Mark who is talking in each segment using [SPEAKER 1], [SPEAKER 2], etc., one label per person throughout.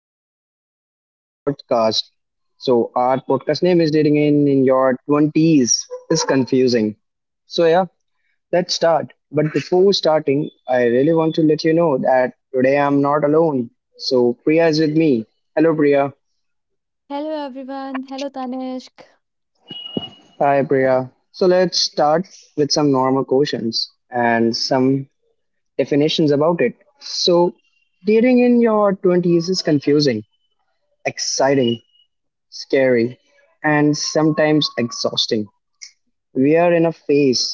[SPEAKER 1] welcome to our today podcast. So our podcast name is dating in your 20s is confusing. So yeah, let's start. But before starting, I really want to let you know that today I'm not alone. So Priya is with me. Hello Priya.
[SPEAKER 2] Hello everyone. Hello Tanishq.
[SPEAKER 1] Hi Priya. So let's start with some normal questions and some definitions about it. So dating in your 20s is confusing, exciting, scary, and sometimes exhausting. We are in a phase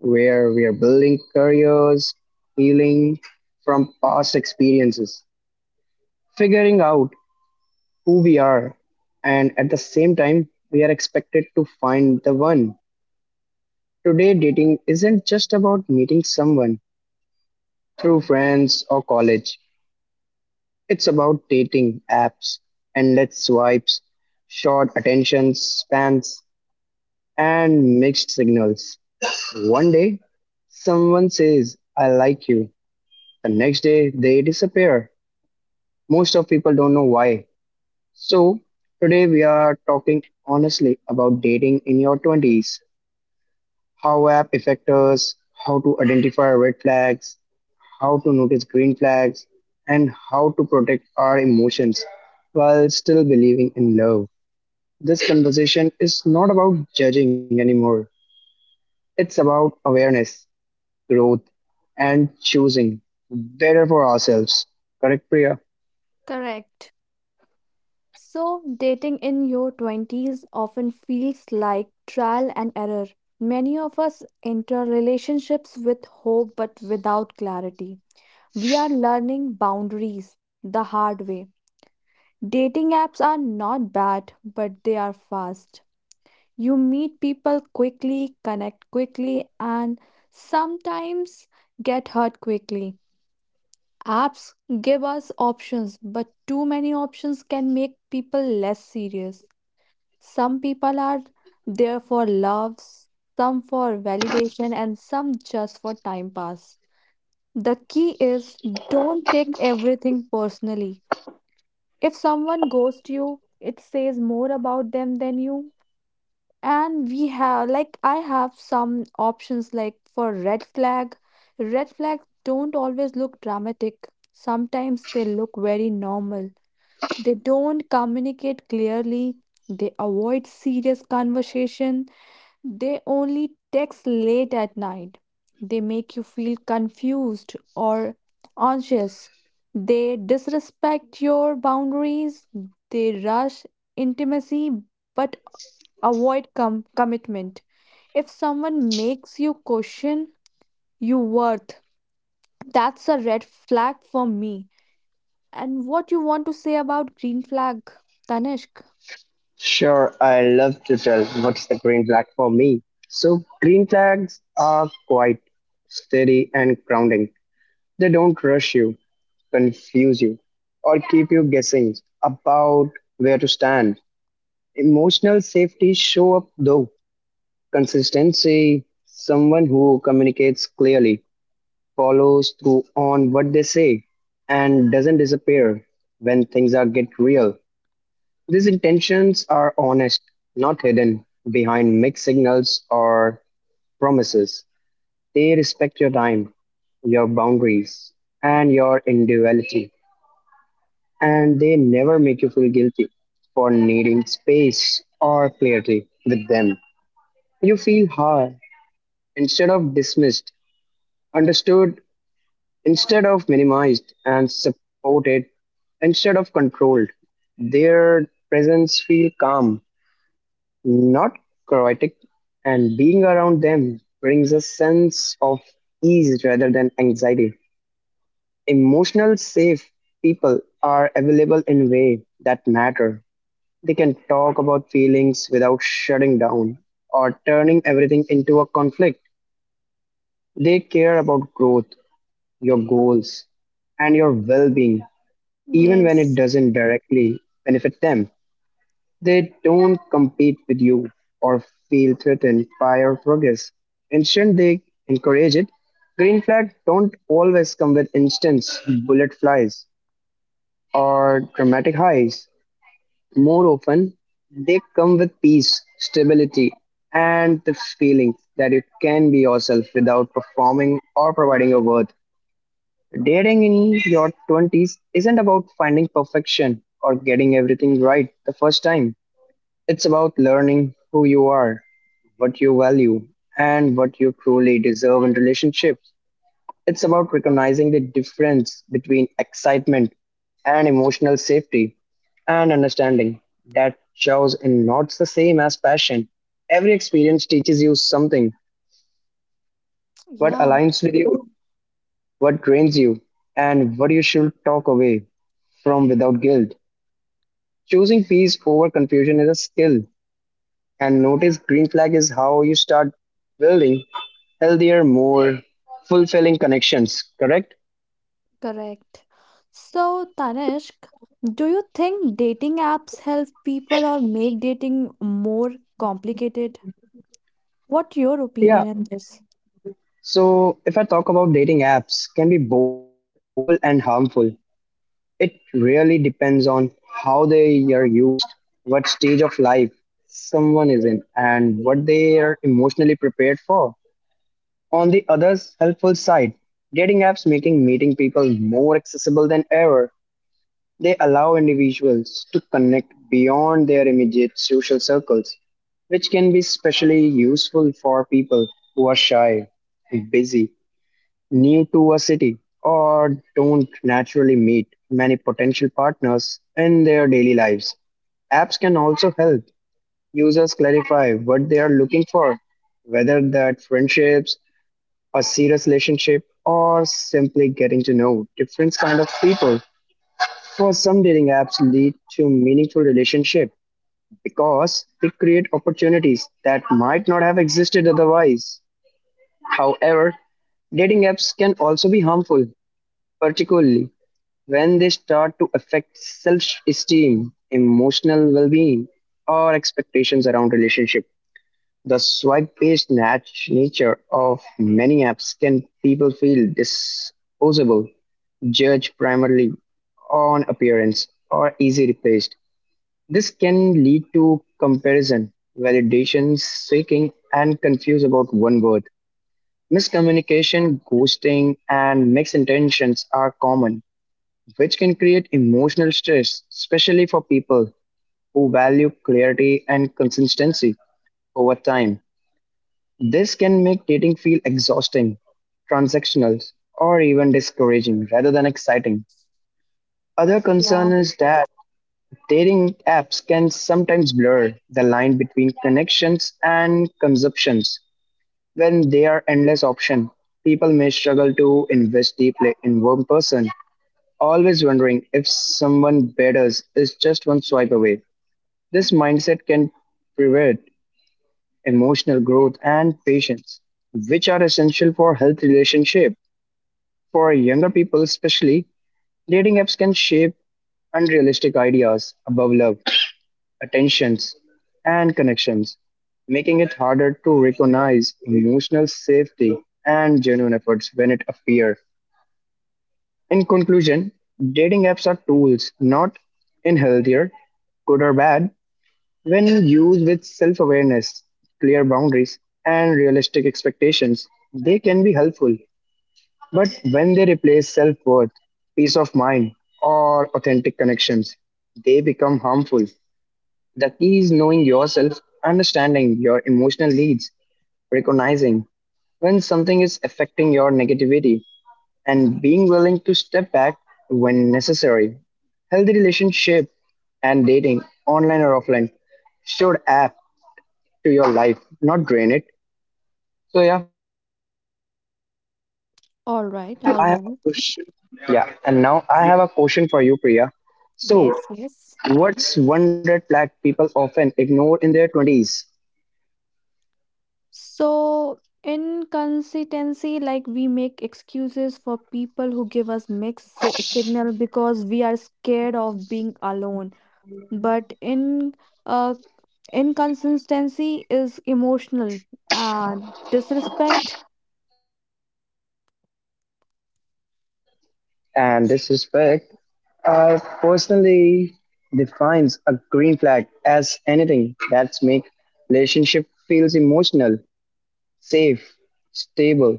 [SPEAKER 1] where we are building careers, healing from past experiences, figuring out who we are, and at the same time, we are expected to find the one. Today, dating isn't just about meeting someone through friends or college, it's about dating apps, endless swipes, short attention spans, and mixed signals. One day, someone says, I like you. The next day, they disappear. Most of people don't know why. So, today we are talking honestly about dating in your 20s, how app affect us, how to identify red flags, how to notice green flags, and how to protect our emotions while still believing in love. This conversation is not about judging anymore. It's about awareness, growth, and choosing better for ourselves. Correct, Priya?
[SPEAKER 2] Correct. So, dating in your 20s often feels like trial and error. Many of us enter relationships with hope but without clarity. We are learning boundaries the hard way. Dating apps are not bad, but they are fast. You meet people quickly, connect quickly, and sometimes get hurt quickly. Apps give us options, but too many options can make people less serious. Some people are there for love, some for validation, and some just for time pass. The key is don't take everything personally. If someone ghosts you, it says more about them than you. And we have, like, I have some options, like, for red flag. Red flags don't always look dramatic, sometimes they look very normal. They don't communicate clearly, they avoid serious conversation, they only text late at night, they make you feel confused or anxious, they disrespect your boundaries, they rush intimacy but avoid commitment. If someone makes you question your worth, that's a red flag for me. And what you want to say about green flag, Tanishk?
[SPEAKER 1] Sure, I love to tell what's the green flag for me. So, green flags are quite steady and grounding. They don't rush you, confuse you, or keep you guessing about where to stand. Emotional safety show up though. Consistency, someone who communicates clearly, follows through on what they say and doesn't disappear when things are get real. These intentions are honest, not hidden behind mixed signals or promises. They respect your time, your boundaries, and your individuality, and they never make you feel guilty for needing space or clarity with them. You feel heard instead of dismissed, understood instead of minimized and supported instead of controlled. Their presence feels calm, not chaotic, and being around them brings a sense of ease rather than anxiety. Emotional safe people are available in way that matter. They can talk about feelings without shutting down or turning everything into a conflict. They care about growth, your goals, and your well being, even when it
[SPEAKER 2] Yes.
[SPEAKER 1] doesn't directly benefit them. They don't compete with you or feel threatened by your progress. Instead, they encourage it. Green flags don't always come with instant bullet flies or dramatic highs. More often, they come with peace, stability, and the feeling that you can be yourself without performing or providing a worth. Dating in your 20s isn't about finding perfection or getting everything right the first time. It's about learning who you are, what you value, and what you truly deserve in relationships. It's about recognizing the difference between excitement and emotional safety and understanding that shows in not the same as passion. Every experience teaches you something, what
[SPEAKER 2] Yeah,
[SPEAKER 1] aligns with you, what drains you, and what you should talk away from without guilt. Choosing peace over confusion is a skill. And notice green flag is how you start building healthier, more fulfilling connections, correct?
[SPEAKER 2] correct. So, Tanishk, do you think dating apps help people or make dating more complicated? What your
[SPEAKER 1] Yeah.
[SPEAKER 2] opinion on this?
[SPEAKER 1] So if I talk about dating apps, can be both helpful and harmful. It really depends on how they are used, what stage of life someone is in, and what they are emotionally prepared for. On the other, helpful side, dating apps making meeting people more accessible than ever. They allow individuals to connect beyond their immediate social circles, which can be especially useful for people who are shy, busy, new to a city, or don't naturally meet many potential partners in their daily lives. Apps can also help users clarify what they are looking for, whether that friendships, a serious relationship, or simply getting to know different kind of people. For some, dating apps lead to meaningful relationship because they create opportunities that might not have existed otherwise. However, dating apps can also be harmful, particularly when they start to affect self-esteem, emotional well-being, or expectations around relationship. The swipe-based nature of many apps can people feel disposable, judged primarily on appearance, or easy replaced. This can lead to comparison, validation seeking, and confuse about one word. Miscommunication, ghosting, and misintentions are common, which can create emotional stress, especially for people who value clarity and consistency over time. This can make dating feel exhausting, transactional, or even discouraging rather than exciting. Other concern
[SPEAKER 2] Yeah.
[SPEAKER 1] is that dating apps can sometimes blur the line between connections and consumptions. When they are endless options, people may struggle to invest deeply in one person, always wondering if someone better is just one swipe away. This mindset can prevent emotional growth and patience, which are essential for healthy relationship. For younger people especially, dating apps can shape unrealistic ideas about love attentions, and connections, making it harder to recognize emotional safety and genuine efforts when it appear. In conclusion, dating apps are tools, not unhealthier, good or bad. When used with self awareness, clear boundaries, and realistic expectations, they can be helpful. But when they replace self worth, peace of mind, or authentic connections, they become harmful. The key is knowing yourself, understanding your emotional needs, recognizing when something is affecting your negativity, and being willing to step back when necessary. Healthy relationship and dating, online or offline, should add to your life, not drain it. So yeah, it's for me both. So
[SPEAKER 2] All
[SPEAKER 1] now
[SPEAKER 2] right.
[SPEAKER 1] I
[SPEAKER 2] All
[SPEAKER 1] have a
[SPEAKER 2] right.
[SPEAKER 1] question. Yeah, and now I have a question for you, Priya. So,
[SPEAKER 2] Yes. Yes.
[SPEAKER 1] what's one red flag people often ignore in their 20s?
[SPEAKER 2] So, inconsistency, like, we make excuses for people who give us mixed signal because we are scared of being alone. But in uh, inconsistency is emotional. Uh, Disrespect,
[SPEAKER 1] And disrespect personally defines a green flag as anything that's make relationship feels emotional safe stable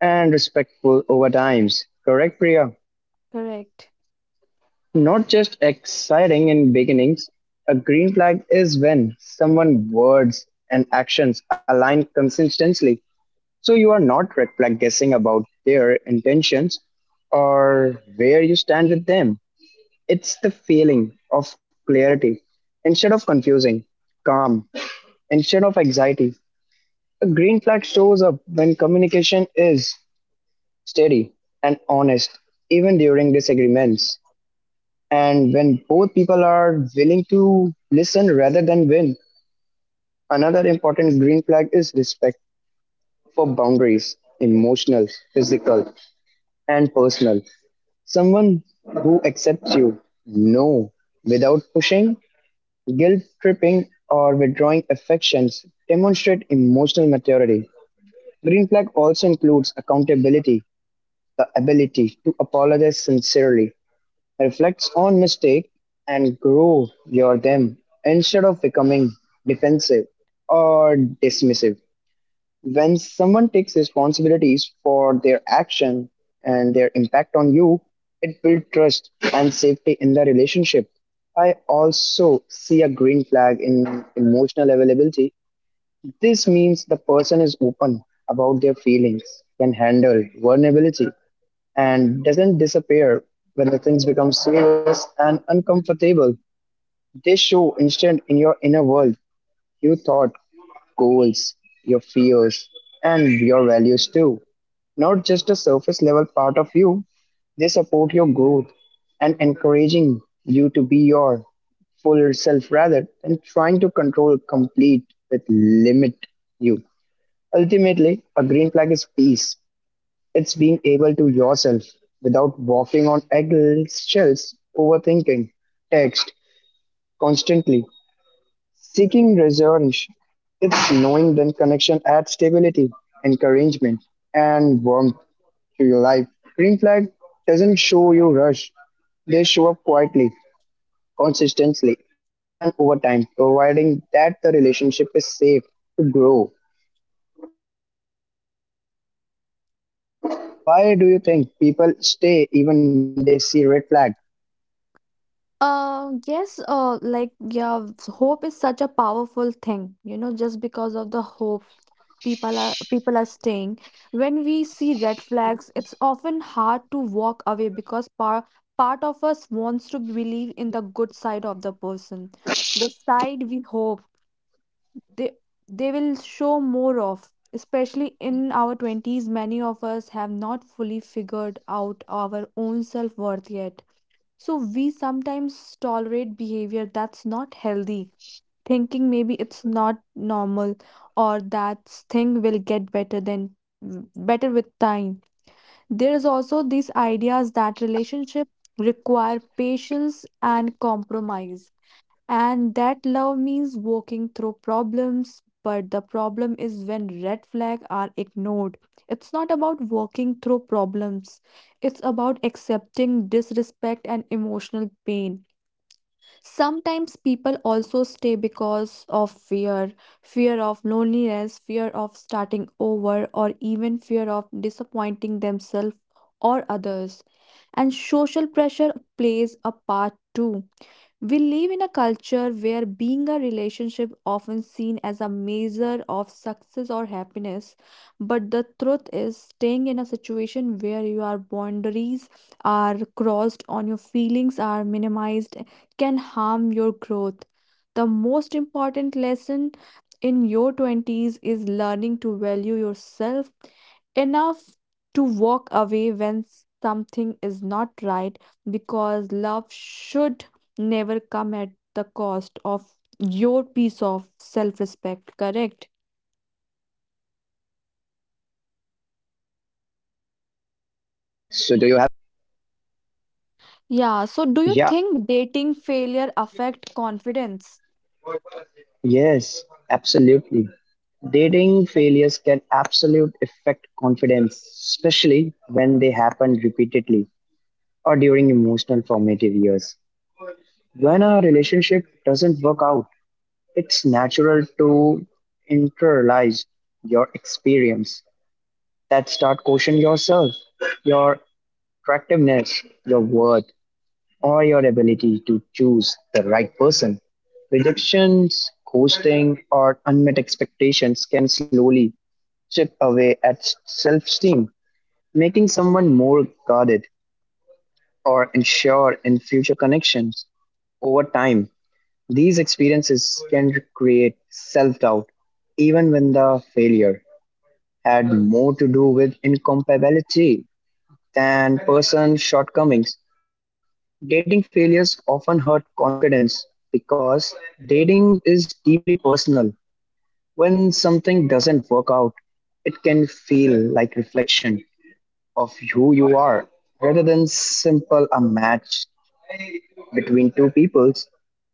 [SPEAKER 1] and respectful over times, correct Priya?
[SPEAKER 2] correct.
[SPEAKER 1] Not just exciting in beginnings. A green flag is when someone words and actions align consistently, so you are not red flag guessing about their intentions or where you stand with them. It's the feeling of clarity instead of confusing, calm instead of anxiety. A green flag shows up when communication is steady and honest, even during disagreements. And when both people are willing to listen rather than win, another important green flag is respect for boundaries emotional, physical, and personal. Someone who accepts you, no, without pushing guilt tripping or withdrawing affections demonstrate emotional maturity. Green flag also includes accountability, the ability to apologize sincerely, reflects on mistake and grow your them instead of becoming defensive or dismissive. When someone takes responsibilities for their action and their impact on you, it builds trust and safety in the relationship. I also see a green flag in emotional availability. This means the person is open about their feelings, can handle vulnerability, and doesn't disappear when the things become serious and uncomfortable. They show instant in your inner world, you thought goals, your fears, and your values too. Not just a surface level part of you, they support your growth and encouraging you to be your full self rather than trying to control complete with limit you. Ultimately, a green flag is peace. It's being able to yourself without walking on eggshells, overthinking, text constantly, seeking resonance. It's knowing that connection adds stability, encouragement, and warmth to your life. Green flag doesn't show you rush. They show up quietly, consistently, and over time, providing that the relationship is safe to grow. So I have a question for you, Priya. Why do you think people stay even when they see red flag?
[SPEAKER 2] Yes, like, yeah, hope is such a powerful thing, you know, just because of the hope people are staying. When we see red flags, it's often hard to walk away because part of us wants to believe in the good side of the person, the side we hope they they will show more of. Especially in our 20s, many of us have not fully figured out our own self-worth yet, so we sometimes tolerate behavior that's not healthy, thinking maybe it's not normal or that thing will get better than better with time. There is also these ideas that relationship require patience and compromise and that love means walking through problems, but the problem is when red flags are ignored. It's not about walking through problems, it's about accepting disrespect and emotional pain. Sometimes people also stay because of fear, fear of loneliness, fear of starting over, or even fear of disappointing themselves or others. And social pressure plays a part too. We live in a culture where being a relationship often seen as a measure of success or happiness, but the truth is staying in a situation where your boundaries are crossed on your feelings are minimized can harm your growth. The most important lesson in your 20s is learning to value yourself enough to walk away when something is not right, because love should never come at the cost of your piece of self-respect, correct?
[SPEAKER 1] Correct, Priya. So do you have any questions for me?
[SPEAKER 2] Yeah, so do you
[SPEAKER 1] Yeah.
[SPEAKER 2] think dating failure affect confidence?
[SPEAKER 1] Yes, absolutely. Dating failures can absolutely affect confidence, especially when they happen repeatedly or during emotional formative years. When a relationship doesn't work out, it's natural to internalize your experience that start questioning yourself, your attractiveness, your worth or your ability to choose the right person. Rejections, ghosting, or unmet expectations can slowly chip away at self esteem, making someone more guarded or unsure in future connections. Over time, these experiences can create self doubt, even when the failure had more to do with incompatibility than person shortcomings. Dating failures often hurt confidence because dating is deeply personal. When something doesn't work out, it can feel like reflection of who you are rather than simple a match between two peoples.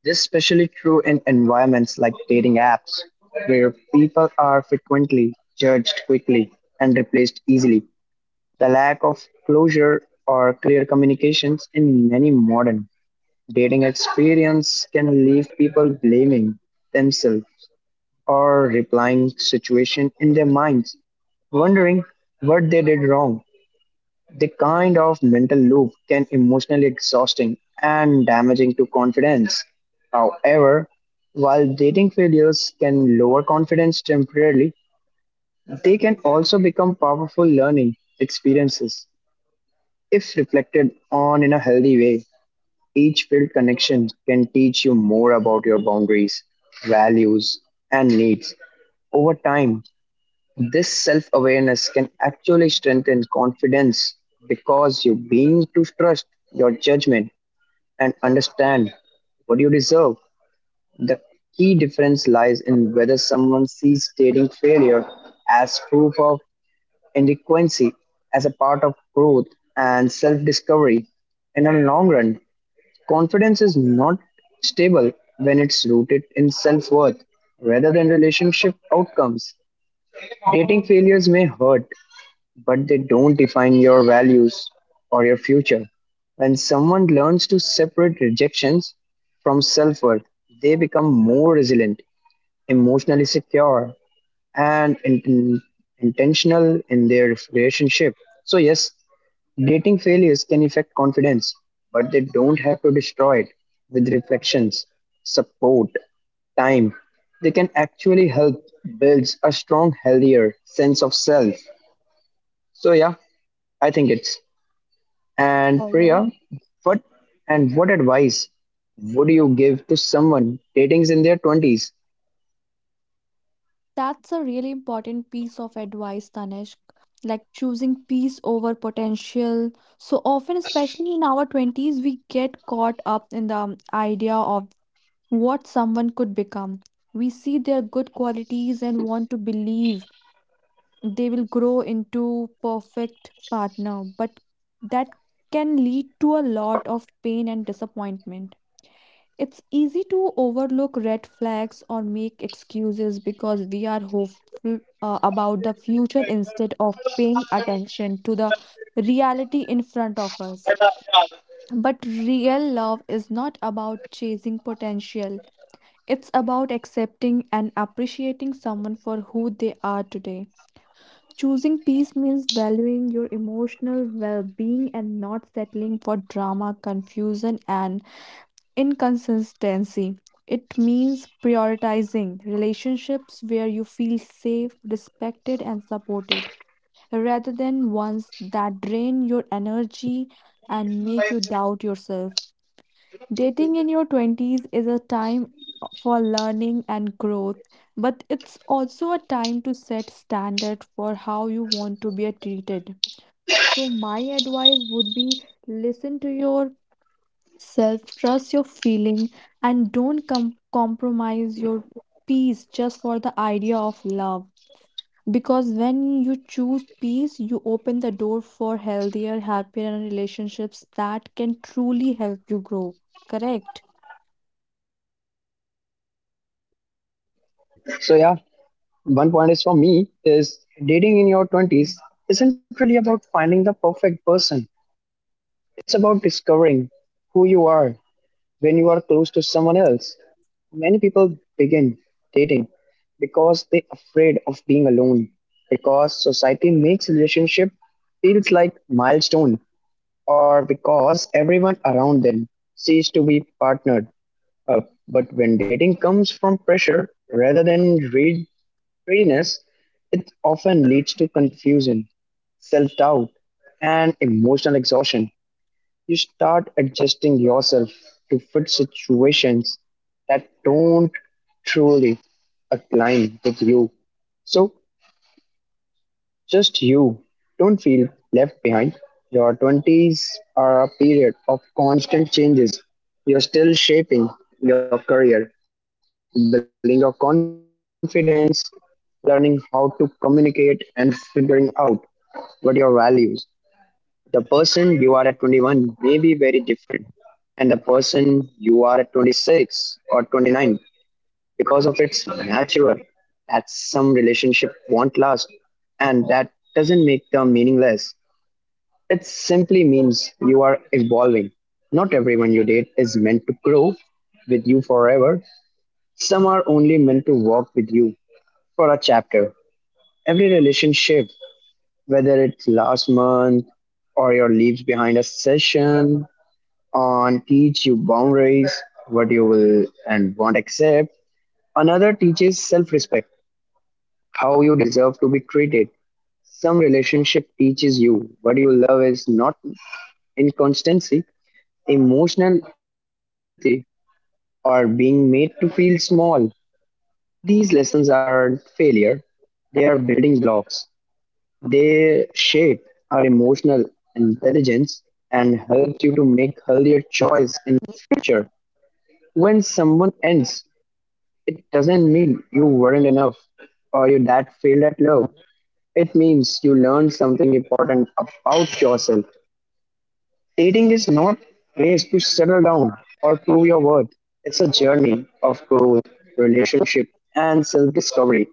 [SPEAKER 1] This is especially true in environments like dating apps where people are frequently judged quickly and replaced easily. The lack of closure or clear communications in many modern dating experience can leave people blaming themselves or replying situation in their minds, wondering what they did wrong. The kind of mental loop can emotionally exhausting and damaging to confidence. However, while dating failures can lower confidence temporarily, they can also become powerful learning experiences if reflected on in a healthy way. Each field connection can teach you more about your boundaries, values, and needs. Over time, this self awareness can actually strengthen confidence because you begin to trust your judgment and understand what you deserve. The key difference lies in whether someone sees dating failure as proof of inadequacy, as a part of growth and self discovery. In the long run, confidence is not stable when it's rooted in self worth rather than relationship outcomes. Dating failures may hurt, but they don't define your values or your future. When someone learns to separate rejections from self worth, they become more resilient, emotionally secure, and intentional in their relationship. So, yes, dating failures can affect confidence, but they don't have to destroy it. With reflections, support, time, they can actually help build a strong, healthier sense of self. So yeah, I think it's. And
[SPEAKER 2] Hello.
[SPEAKER 1] Priya, what what advice would you give to someone dating in their twenties?
[SPEAKER 2] That's a really important piece of advice, Tanishq. Like choosing peace over potential. So often, especially in our 20s, we get caught up in the idea of what someone could become. We see their good qualities and want to believe they will grow into perfect partner, but that can lead to a lot of pain and disappointment. It's easy to overlook red flags or make excuses because we are hopeful about the future instead of paying attention to the reality in front of us. But real love is not about chasing potential, it's about accepting and appreciating someone for who they are today. Choosing peace means valuing your emotional well being and not settling for drama, confusion, and inconsistency. It means prioritizing relationships where you feel safe, respected, and supported, rather than ones that drain your energy and make you doubt yourself. Dating in your 20s is a time for learning and growth, but it's also a time to set standard for how you want to be treated. So my advice would be, listen to your self, trust your feeling, and don't compromise your peace just for the idea of love. Because when you choose peace, you open the door for healthier, happier relationships that can truly help you grow. Correct?
[SPEAKER 1] That's wonderful, Priya. That's wonderful. So yeah, one point is for me is dating in your 20s isn't really about finding the perfect person. It's about discovering who you are when you are close to someone else. Many people begin dating because they're afraid of being alone, because society makes relationship feels like milestone, or because everyone around them sees to be partnered up, but when dating comes from pressure rather than real freeness, it often leads to confusion, self doubt, and emotional exhaustion. You start adjusting yourself to fit situations that don't truly align with you. So, just you. Don't feel left behind. Your 20s are a period of constant changes. You're still shaping your career, building your confidence, learning how to communicate, and figuring out but your values. The person you are at 21 may be very different, and the person you are at 26 or 29, because of its natural that some relationship won't last, and that doesn't make them meaningless. It simply means you are evolving. Not everyone you date is meant to grow with you forever. Some are only meant to walk with you for a chapter. Every relationship, whether it's last month or your, leaves behind a session on teach you boundaries, what you will and won't accept. Another teaches self-respect, how you deserve to be treated. Some relationship teaches you what you love is not inconstancy, emotional unavailability, or being made to feel small. These lessons are failure. They are building blocks. They shape our emotional intelligence and helps you to make healthier choice in the future. When someone ends, it doesn't mean you weren't enough or you that failed at love. It means you learned something important about yourself. Dating is not a place to settle down or prove your worth. It's a journey of growth, relationship, and self-discovery.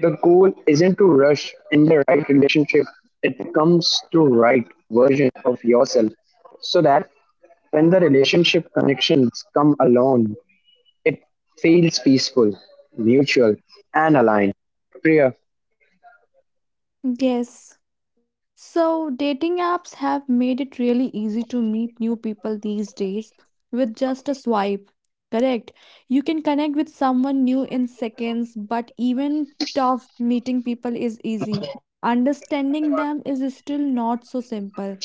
[SPEAKER 1] The goal isn't to rush in the right relationship, it becomes to right version of yourself, so that when the relationship connections come along, it feels peaceful, mutual, and aligned. Priya,
[SPEAKER 2] Yes. So, dating apps have made it really easy to meet new people these days with just a swipe. Correct. You can connect with someone new in seconds, but even tough meeting people is easy. Understanding them is still not so simple.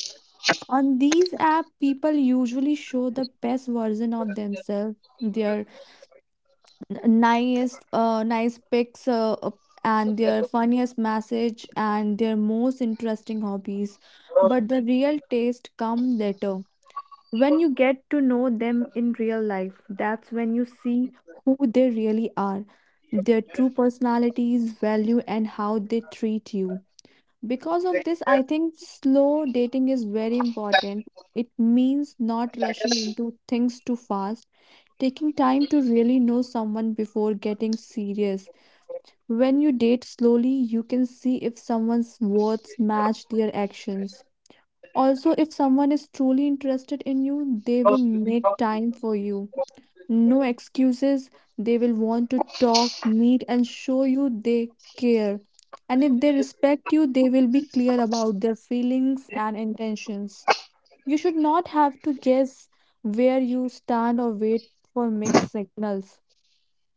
[SPEAKER 2] On these app, people usually show the best version of themselves, their nice pics and their funniest message and their most interesting hobbies, but the real taste come later when you get to know them in real life. That's when you see who they really are, their true personalities value and how they treat you. Because of this, I think slow dating is very important. It means not rushing into things too fast. Taking time to really know someone before getting serious. When you date slowly, you can see if someone's words match their actions. Also, if someone is truly interested in you, they will make time for you. No excuses. They will want to talk, meet, and show you they care. And if they respect you, they will be clear about their feelings and intentions. You should not have to guess where you stand or wait for mixed signals.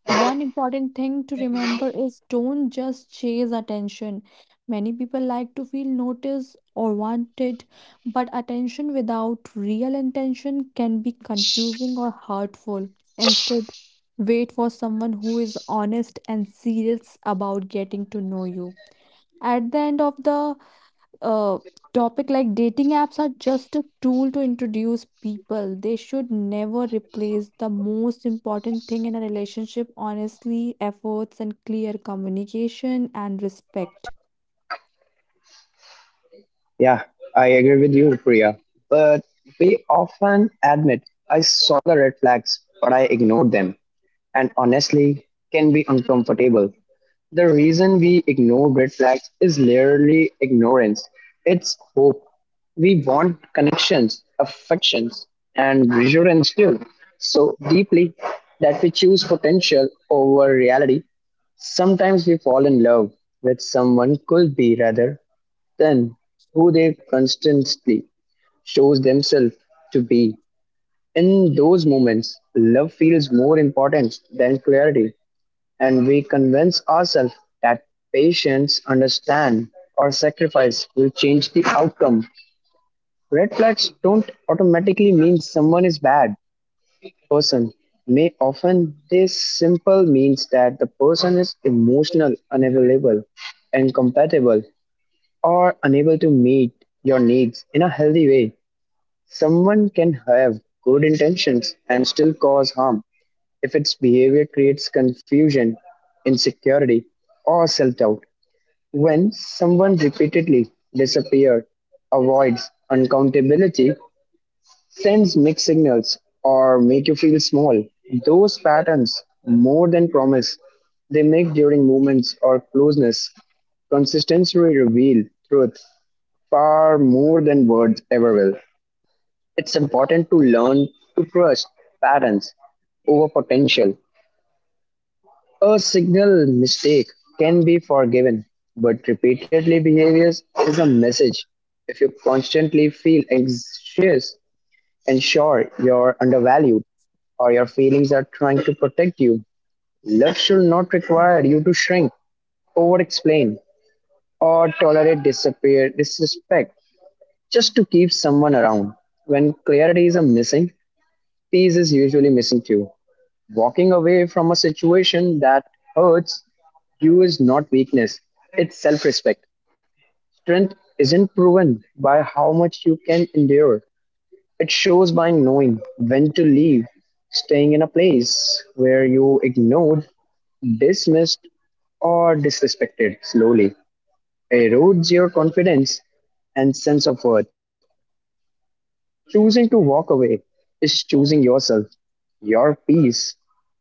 [SPEAKER 2] One important thing to remember is don't just chase attention. Many people like to feel noticed or wanted, but attention without real intention can be confusing or hurtful. Instead, wait for someone who is honest and serious about getting to know you. At the end of the uh, topic, like, dating apps are just a tool to introduce people. They should never replace the most important thing in a relationship, honestly, efforts, and clear communication and respect.
[SPEAKER 1] yeah, I agree with you, Priya. But we often admit I saw the red flags, but I ignored them, and honestly, can be uncomfortable. The reason we ignore red flags is literally ignorance. It's hope. We want connections, affections, and reassurance too, so deeply that we choose potential over reality. Sometimes we fall in love with someone could be rather than who they constantly shows themselves to be. In those moments, love feels more important than clarity, and we convince ourselves that patience, understand, or sacrifice will change the outcome. Red flags don't automatically mean someone is bad person. May often this simple means that the person is emotional, unavailable, incompatible, or unable to meet your needs in a healthy way. Someone can have good intentions and still cause harm if its behavior creates confusion, insecurity, or self doubt. When someone repeatedly disappears, avoids uncountability, sends mixed signals, or make you feel small, those patterns more than promise they make during movements or closeness, consistency will reveal truth far more than words ever will. It's important to learn to trust patterns over potential. A signal mistake can be forgiven, but repeatedly behaviors is a message. If you constantly feel anxious, ensure you're undervalued or your feelings are trying to protect you. Love should not require you to shrink, over explain, or tolerate disappear disrespect just to keep someone around. When clarity is missing, peace is usually missing too. Walking away from a situation that hurts you is not weakness, it's self respect. Strength isn't proven by how much you can endure, it shows by knowing when to leave. Staying in a place where you ignored, dismissed, or disrespected slowly erodes your confidence and sense of worth. Choosing to walk away is choosing yourself, your peace,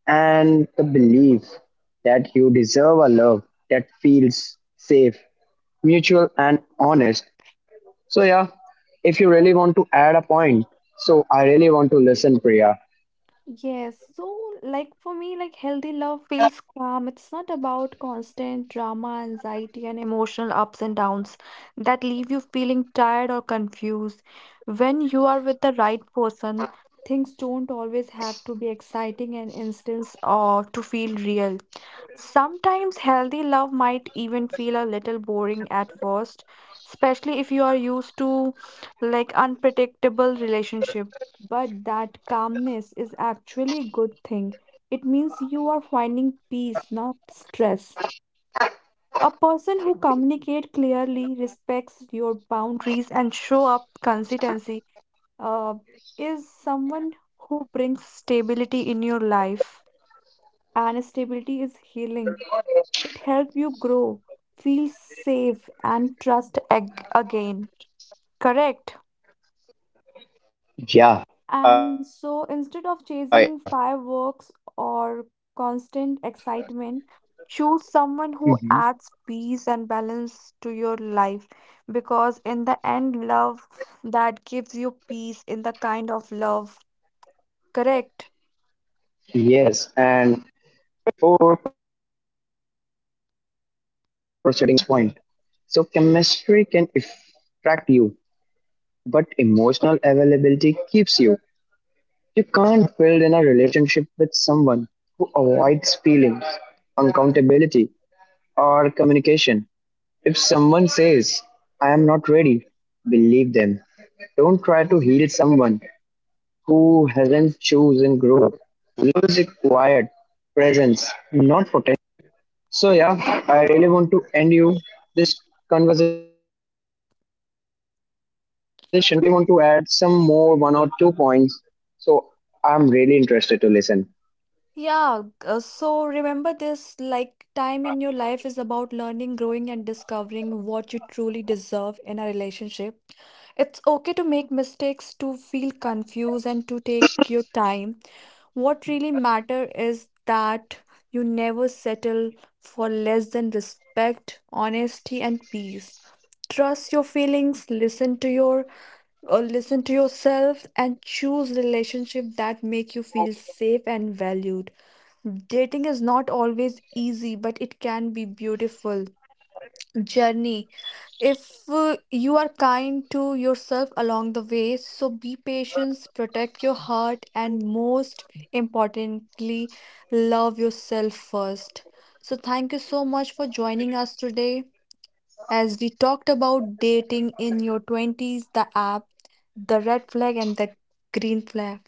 [SPEAKER 1] and the belief that you deserve a love that feels safe, mutual, and honest. So, yeah, if you really want to add a point, so I really want to listen, Priya.
[SPEAKER 2] Yes, so, like, for me, like, healthy love feels calm. It's not about constant drama, anxiety, and emotional ups and downs that leave you feeling tired or confused. When you are with the right person, things don't always have to be exciting and instance or to feel real. Sometimes healthy love might even feel a little boring at first, especially if you are used to, like, unpredictable relationship. But that calmness is actually a good thing. It means you are finding peace, not stress. A person who communicates clearly, respects your boundaries, and show up consistency uh, is someone who brings stability in your life. And stability is healing. It helps you grow, feel safe, and trust again. Correct.
[SPEAKER 1] Yeah, I
[SPEAKER 2] And
[SPEAKER 1] agree
[SPEAKER 2] so,
[SPEAKER 1] with you
[SPEAKER 2] instead
[SPEAKER 1] on
[SPEAKER 2] of
[SPEAKER 1] this,
[SPEAKER 2] chasing
[SPEAKER 1] Priya.
[SPEAKER 2] fireworks or constant excitement, choose someone who
[SPEAKER 1] hmm
[SPEAKER 2] adds peace and balance to your life, because, in the end, love that gives you peace in the kind of love, correct?
[SPEAKER 1] Yes, and before proceeding for the end, I really want to add the last point. So, chemistry can attract you, but emotional availability keeps you. You can't build in a relationship with someone who avoids feelings, accountability, or communication. If someone says, I am not ready, believe them. Don't try to heal someone who hasn't chosen growth. Love is required presence, not potential. So yeah, I really want to end you this conversation from now. So Priya, if you really want to add some more one or two points, so I'm really interested to listen.
[SPEAKER 2] Yeah, so remember this, like, time in your life is about learning, growing, and discovering what you truly deserve in a relationship. It's okay to make mistakes, to feel confused, and to take your time. What really matter is that you never settle for less than respect, honesty, and peace. Trust your feelings, listen to your or listen to yourself, and choose relationship that make you feel safe and valued. Dating is not always easy, but it can be beautiful journey. If you are kind to yourself along the way, so be patient, protect your heart, and most importantly, love yourself first. So, thank you so much for joining us today. As we talked about dating in your 20s, the app, the red flag, and the green flag.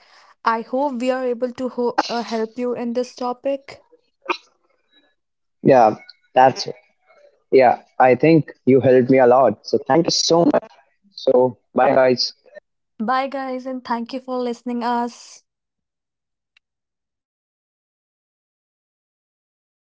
[SPEAKER 2] I hope we are able to help you in this topic.
[SPEAKER 1] Yeah, that's it. Yeah, I think you helped me a lot. So thank you so much. So bye, guys.
[SPEAKER 2] Bye, guys, and thank you for listening us.